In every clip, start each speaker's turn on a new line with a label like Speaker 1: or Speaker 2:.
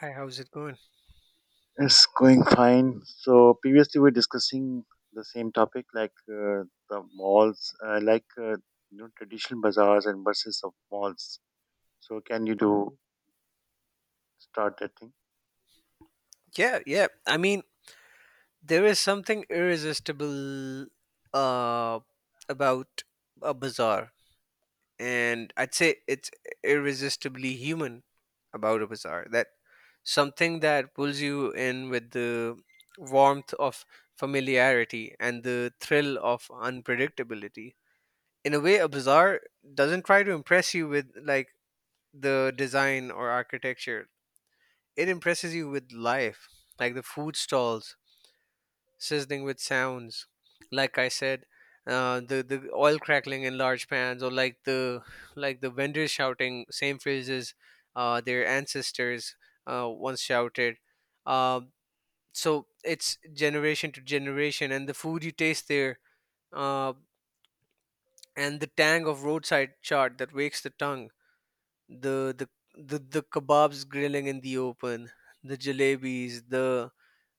Speaker 1: Hi, how's it going?
Speaker 2: It's going fine. So previously we were discussing the same topic, the malls, like traditional bazaars and versus of malls. So can you do start that thing?
Speaker 1: Yeah, yeah. I mean, there is something irresistible uh, about a bazaar, and I'd say it's irresistibly human about a bazaar. That something that pulls you in with the warmth of familiarity and the thrill of unpredictability. In a way, a bazaar doesn't try to impress you with like the design or architecture. It impresses you with life, like the food stalls sizzling with sounds. Like I said, the oil crackling in large pans, or like the vendors shouting same phrases their ancestors once shouted. Uh, so it's generation to generation, and the food you taste there, uh, and the tang of roadside chart that wakes the tongue. The the the kebabs grilling in the open, the jalebis, the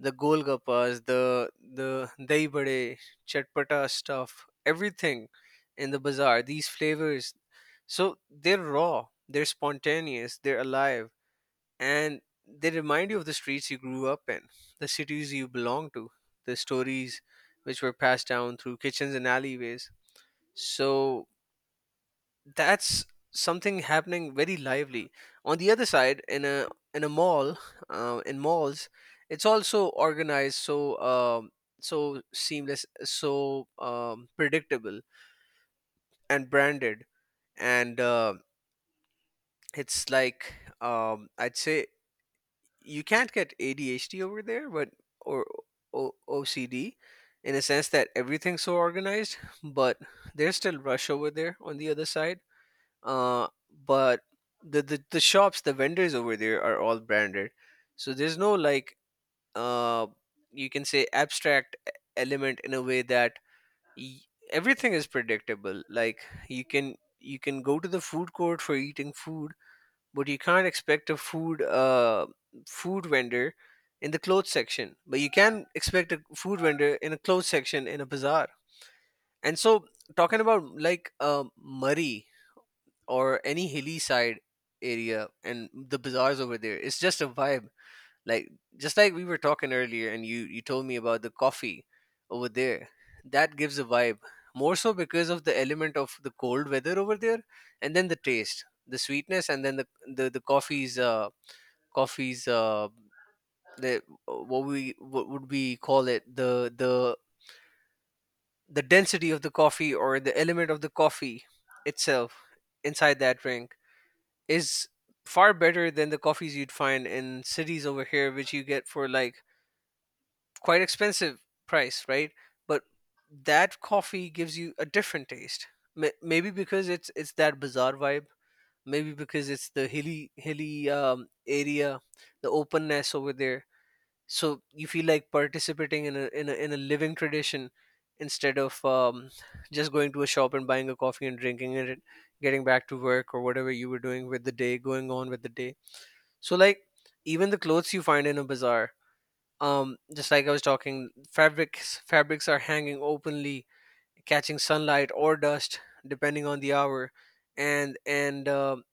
Speaker 1: the golgappas, the dahi bade, chatpata stuff, everything in the bazaar. These flavors, so they're raw, they're spontaneous, they're alive, and they remind you of the streets you grew up in, the cities you belong to, the stories which were passed down through kitchens and alleyways. So that's something happening very lively on the other side in a mall. In malls, it's also organized, so seamless, so predictable and branded, and it's like I'd say you can't get ADHD over there, but or OCD, in a sense that everything's so organized, but there's still rush over there on the other side. uh, but the shops, the vendors over there are all branded, so there's no like uh you can say abstract element, in a way that y- everything is predictable, like you can go to the food court for eating food, but you can't expect a food food vendor in the clothes section, but you can expect a food vendor in a clothes section in a bazaar. And so, talking about like Murray or any hilly side area, and the bazaars over there, it's just a vibe. Like, just like we were talking earlier, and you told me about the coffee over there that gives a vibe, more so because of the element of the cold weather over there, and then the taste, the sweetness, and then the the, the coffee's uh coffee's uh the, what would we call it, the density of the coffee, or the element of the coffee itself inside that drink, is far better than the coffees you'd find in cities over here, which you get for like quite expensive price, right? But that coffee gives you a different taste. Maybe because it's that bizarre vibe. Maybe because it's the hilly area, the openness over there. So you feel like participating in a living tradition, instead of just going to a shop and buying a coffee and drinking it, getting back to work or whatever you were doing with the day, going on with the day. So, like, even the clothes you find in a bazaar, just like I was talking, fabrics are hanging openly, catching sunlight or dust depending on the hour, and and um,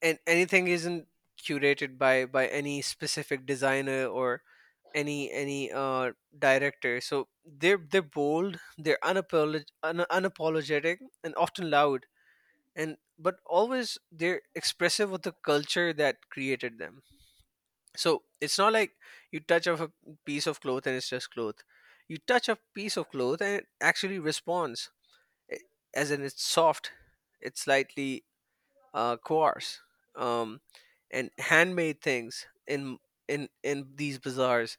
Speaker 1: and anything isn't curated by any specific designer or any director. So they're bold, they're unapologetic and often loud, and but always they're expressive of the culture that created them. So it's not like you touch of a piece of cloth and it's just cloth. You touch a piece of cloth and it actually responds. eh, as in, it's soft, it's slightly coarse, um, and handmade things in these bazaars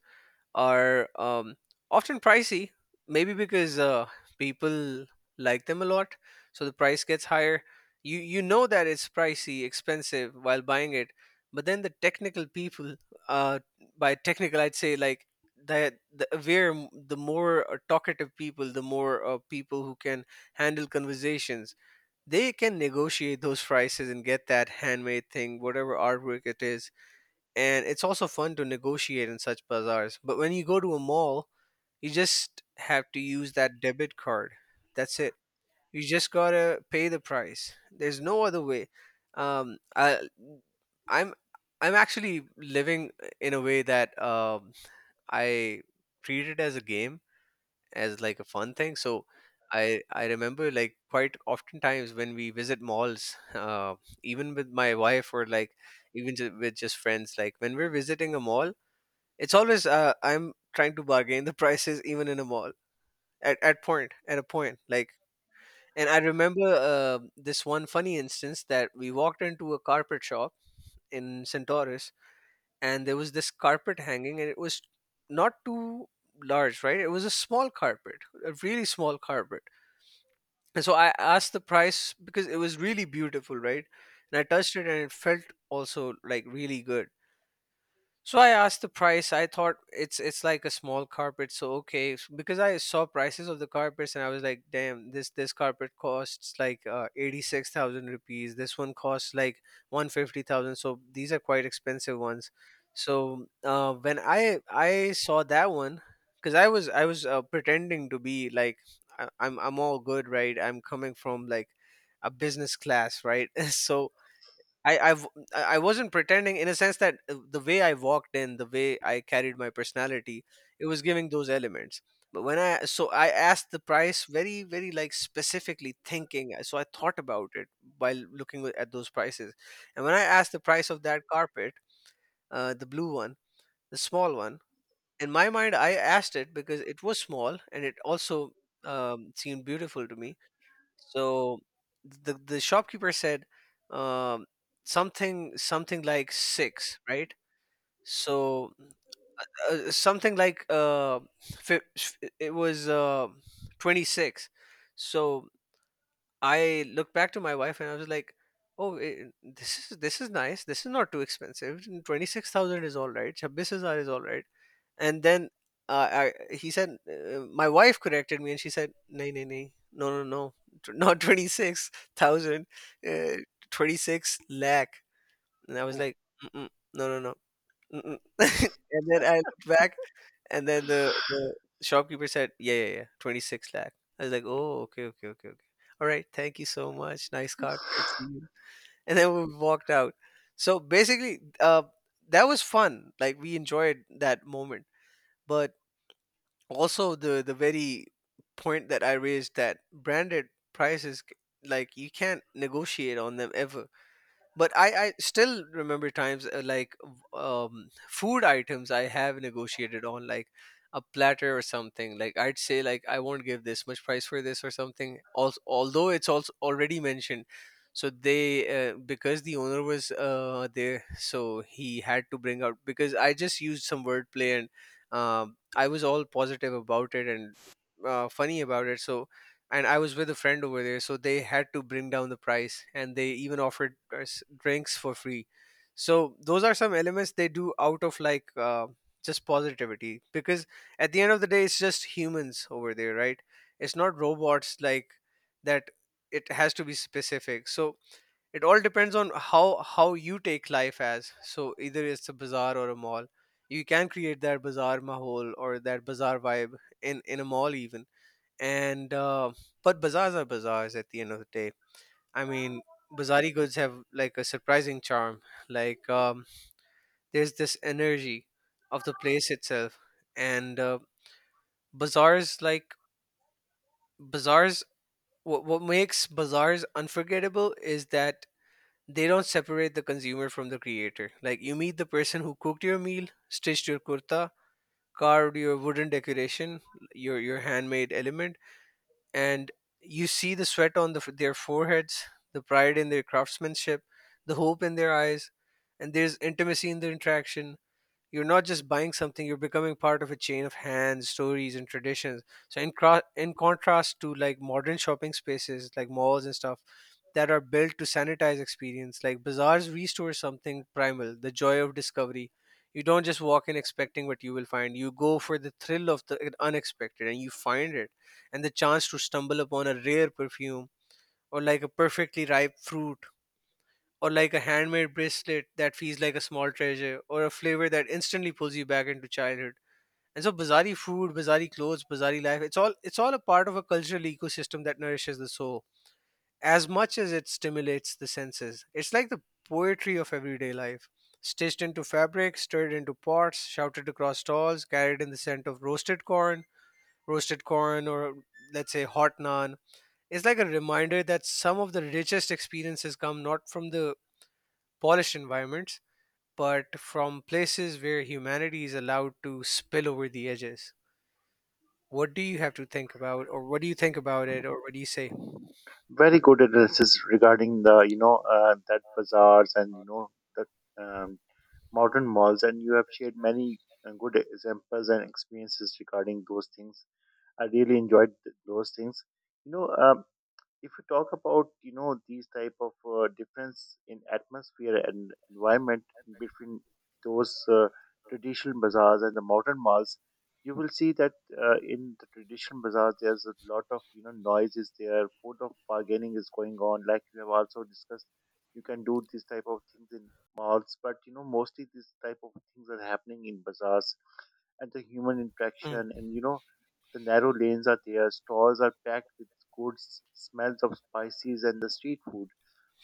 Speaker 1: are often pricey, maybe because people like them a lot, so the price gets higher. You know that it's pricey, expensive while buying it, but then the technical people, uh, by technical I'd say like the aware, the more talkative people, the more people who can handle conversations, they can negotiate those prices and get that handmade thing, whatever artwork it is, and it's also fun to negotiate in such bazaars. But when you go to a mall, you just have to use that debit card. That's it. You just gotta pay the price. There's no other way. Um, I, I'm I'm actually living in a way that, I treat it as a game, as like a fun thing. So I remember, like, quite often times when we visit malls, even with my wife or like even with just friends, like when we're visiting a mall, it's always, I'm trying to bargain the prices even in a mall, at a point, like. And I remember this one funny instance that we walked into a carpet shop in Centaurus, and there was this carpet hanging, and it was not too large, right? It was a small carpet, a really small carpet. And so I asked the price because it was really beautiful, right? And I touched it, and it felt also like really good. So I asked the price. I thought it's like a small carpet, so okay. Because I saw prices of the carpets and I was like, damn, this carpet costs like 86,000 rupees. This one costs like 150,000. So these are quite expensive ones. So when I saw that one, because I was pretending to be like, I'm all good, right? I'm coming from like a business class, right? So I I've, I wasn't pretending, in a sense that the way I walked in, the way I carried my personality, it was giving those elements. But when I so I asked the price very very like specifically thinking. So I thought about it while looking at those prices, and when I asked the price of that carpet, the blue one, the small one, in my mind I asked it because it was small and it also seemed beautiful to me, so the shopkeeper said, um, something like six, right? So, something like fi- it was 26. So I looked back to my wife and I was like, "Oh, this is nice. This is not too expensive. 26,000 is all right. Chabbis is all right." And then, he said, my wife corrected me and she said, "Nay, nay, nay, no, no, no, not 26,000, uh, 26 lakh." And I was
Speaker 2: Oh,
Speaker 1: like, mm-mm, "No, no, no." Mm-mm. And then I looked back, and then the shopkeeper said, "Yeah, yeah, yeah, 26 lakh." I was like, "Oh, okay, okay, okay, okay. All right, thank you so much. Nice carpet. See you." And then we walked out. So basically, that was fun. Like we enjoyed that moment, but also the very point that I raised, that branded prices, like you can't negotiate on them ever, but I still remember times like food items I have negotiated on, like a platter or something, like I'd say like I won't give this much price for this or something also, although it's also already mentioned. So they, because the owner was there, so he had to bring out because I just used some wordplay, and I was all positive about it and funny about it, so and I was with a friend over there, so they had to bring down the price, and they even offered us drinks for free. So those are some elements they do out of like just positivity, because at the end of the day, it's just humans over there, right? It's not robots like that. It has to be specific. So it all depends on how you take life as. So either it's a bazaar or a mall. You can create that bazaar mahol or that bazaar vibe in a mall even, and but bazaars are bazaars at the end of the day. I mean, bazaari goods have like a surprising charm, like, there's this energy of the place itself, and bazaars like bazaars what makes bazaars unforgettable is that they don't separate the consumer from the creator. Like, you meet the person who cooked your meal, stitched your kurta, carved your wooden decoration, your handmade element, and you see the sweat on their foreheads, the pride in their craftsmanship, the hope in their eyes, and there's intimacy in the interaction. You're not just buying something, you're becoming part of a chain of hands, stories, and traditions. So, in contrast to like modern shopping spaces like malls and stuff that are built to sanitize experience, like bazaars restore something primal, the joy of discovery. You don't just walk in expecting what you will find. You go for the thrill of the unexpected and you find it, and the chance to stumble upon a rare perfume or like a perfectly ripe fruit or like a handmade bracelet that feels like a small treasure, or a flavor that instantly pulls you back into childhood. And so bizarre food, bizarre clothes, bizarre life, it's all a part of a cultural ecosystem that nourishes the soul as much as it stimulates the senses. It's like the poetry of everyday life. Stitched into fabric, stirred into pots, shouted across stalls, carried in the scent of roasted corn or let's say hot naan. It's like a reminder that some of the richest experiences come not from the polished environments but from places where humanity is allowed to spill over the edges. What do you have to think about, or what do you think about it, or what do you say?
Speaker 2: very good analysis regarding the that bazaars and you know the um, modern malls, and you have shared many good examples and experiences regarding those things. I really enjoyed those things. You know, if you talk about you know these type of difference in atmosphere and environment in between those traditional bazaars and the modern malls, you will see that in the traditional bazaars there's a lot of you know noise is there, food of bargaining is going on, like you have also discussed. You can do this type of things in malls, but you know mostly these type of things are happening in bazaars and the human
Speaker 1: Mm,
Speaker 2: interaction, and you know the narrow lanes are there, stalls are packed with goods, smells of spices, and the street food.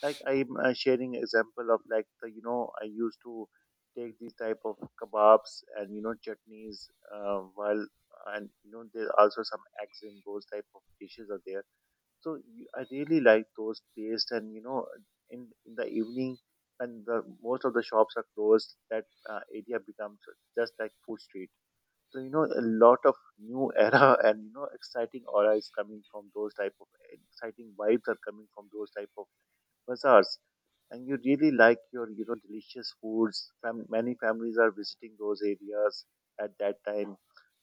Speaker 2: Like I'm Sharing example of like the you know I used to take these type of kebabs and you know chutneys while and you know there's also some eggs in those type of dishes are there. So I really like those taste and you know in the evening when the most of the shops are closed, that area becomes just like food street. So you know a lot of new era and you know exciting aura is coming from those type of eh, exciting vibes are coming from those type of bazaars, and you really like your you know delicious foods. Many families are visiting those areas at that time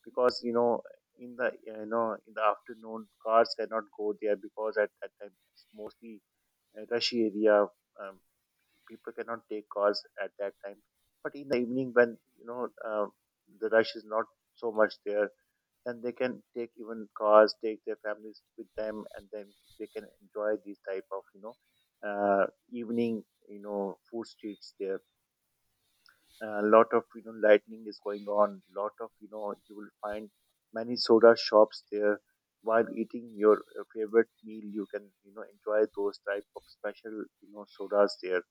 Speaker 2: because you know in the eh, you know in the afternoon cars cannot go there because at that time it's mostly a rushy area. Um, People cannot take cars at that time, but in the evening when you know the rush is not so much there, then they can take even cars, take their families with them, and then they can enjoy these type of you know evening you know food streets there. A lot of you know lightning is going on. Lot of you know you will find many soda shops there. While eating your favorite meal, you can you know enjoy those type of special you know sodas there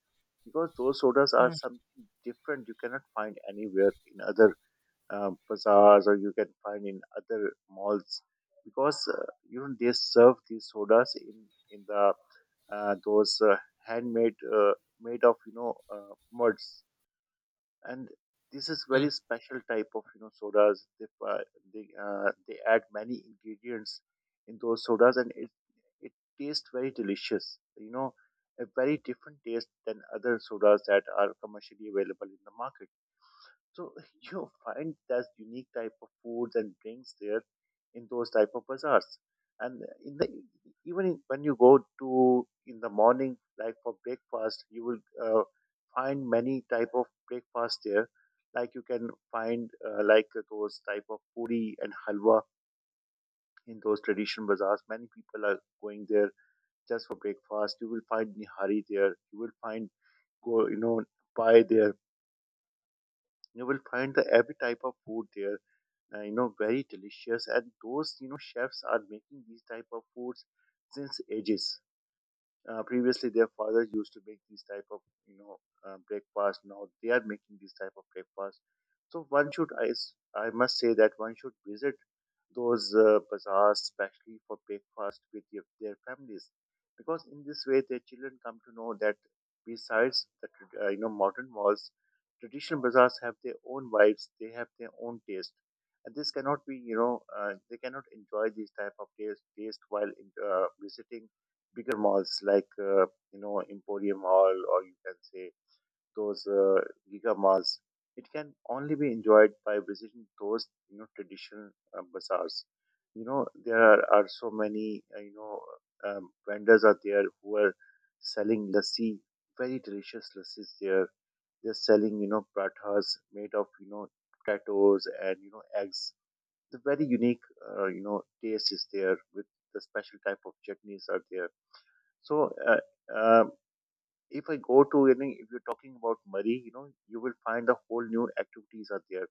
Speaker 2: because those sodas are
Speaker 1: mm,
Speaker 2: something different. You cannot find anywhere in other bazaars, or you can find in other malls because you know they serve these sodas in the those handmade made of you know muds, and this is very
Speaker 1: mm.
Speaker 2: special type of you know sodas they add many ingredients in those sodas and it tastes very delicious, you know, a very different taste than other sodas that are commercially available in the market. So you find this unique type of foods and drinks there in those type of bazaars. And in the even in, when you go to in the morning, like for breakfast, you will find many type of breakfast there. Like you can find those type of puri and halwa in those traditional bazaars. Many people are going there just for breakfast. You will find nihari there. You will find go you know pie there. You will find the every type of food there, you know, very delicious, and those you know chefs are making these type of foods since ages. Previously their fathers used to make these type of you know breakfast, now they are making these type of breakfast. So one should I must say that one should visit those bazaars, especially for breakfast with your, their families, because in this way their children come to know that besides the you know modern malls, traditional bazaars have their own vibes, they have their own taste, and this cannot be you know they cannot enjoy these type of taste while in, visiting bigger malls like you know Emporium Mall, or you can say those giga malls. It can only be enjoyed by visiting those you know traditional bazaars. You know are so many vendors are there who are selling lassi, very delicious lassis there. They're selling you know pratas made of you know potatoes and you know eggs. The very unique you know taste is there with the special type of chutneys are there. So uh, if I go to any, if you're talking about Murray, you know, you will find the whole new activities are there.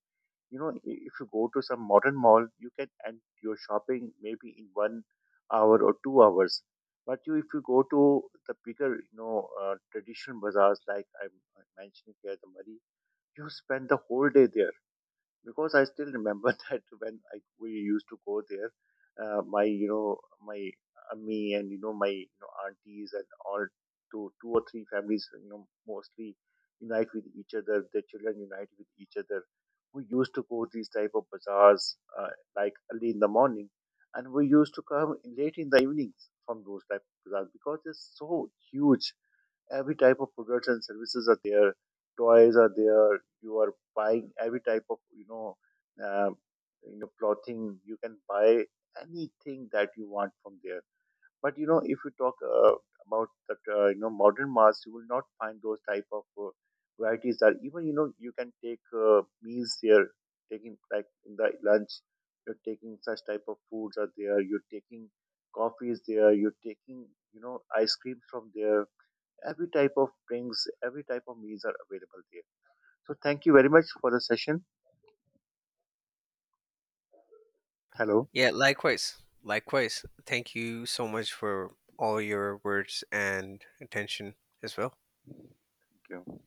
Speaker 2: You know, if you go to some modern mall, you can end your shopping maybe in 1 hour or 2 hours. But you, if you go to the bigger, you know, traditional bazaars like I'm mentioning here, the Murray, you spend the whole day there because I still remember that when I, we used to go there, my you know my me and you know my you know aunties and all two or three families you know mostly unite with each other. Their children unite with each other. We used to go these type of bazaars like early in the morning, and we used to come late in the evenings from those type of bazaars because they're so huge. Every type of products and services are there, toys are there, you are buying every type of um, you know clothing, you can buy anything that you want from there. But you know if you talk about that you know modern mass, you will not find those type of varieties, that even you know you can take meals there, taking like in the lunch, you're taking such type of foods are there, you're taking coffees there, you're taking you know ice creams from there. Every type of drinks, every type of meals are available there. So thank you very much for the session. Hello.
Speaker 1: Yeah, likewise. Likewise. Thank you so much for all your words and attention as well.
Speaker 2: Thank you.